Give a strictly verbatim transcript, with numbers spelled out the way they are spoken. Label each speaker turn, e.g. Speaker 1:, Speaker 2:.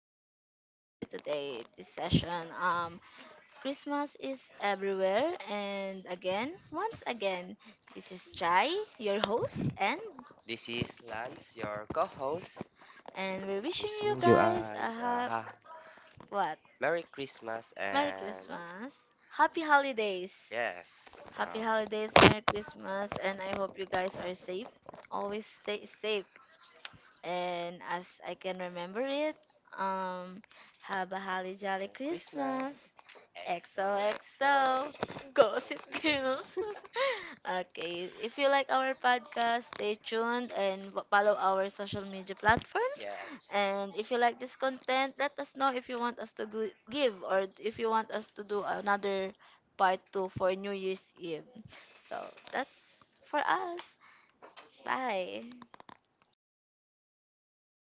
Speaker 1: our podcast for today, this session. Um, Christmas is everywhere, and again, once again, this is Chai, your host, and
Speaker 2: This is Lance, your co-host,
Speaker 1: and we're
Speaker 2: and
Speaker 1: wishing you
Speaker 2: wishing you
Speaker 1: guys a
Speaker 2: guys a
Speaker 1: ha-
Speaker 2: ha-
Speaker 1: what?
Speaker 2: Merry Christmas
Speaker 1: Merry
Speaker 2: and
Speaker 1: Christmas, Happy Holidays,
Speaker 2: yes,
Speaker 1: Happy
Speaker 2: um,
Speaker 1: Holidays, Merry Christmas, and I hope you guys are safe. Always stay safe. And as I can remember it, um, have a holly jolly
Speaker 2: Merry
Speaker 1: Christmas.
Speaker 2: Christmas.
Speaker 1: X O X O,
Speaker 2: X O X O. Toast
Speaker 1: Gossip
Speaker 2: to
Speaker 1: Girls.
Speaker 2: those.
Speaker 1: Okay, if you like our podcast, stay tuned and w- follow our social media platforms.
Speaker 2: Yes.
Speaker 1: And if you like this content, let us know if you want us to g- give, or if you want us to do another part two for New Year's Eve. So that's for us. Bye. Okay.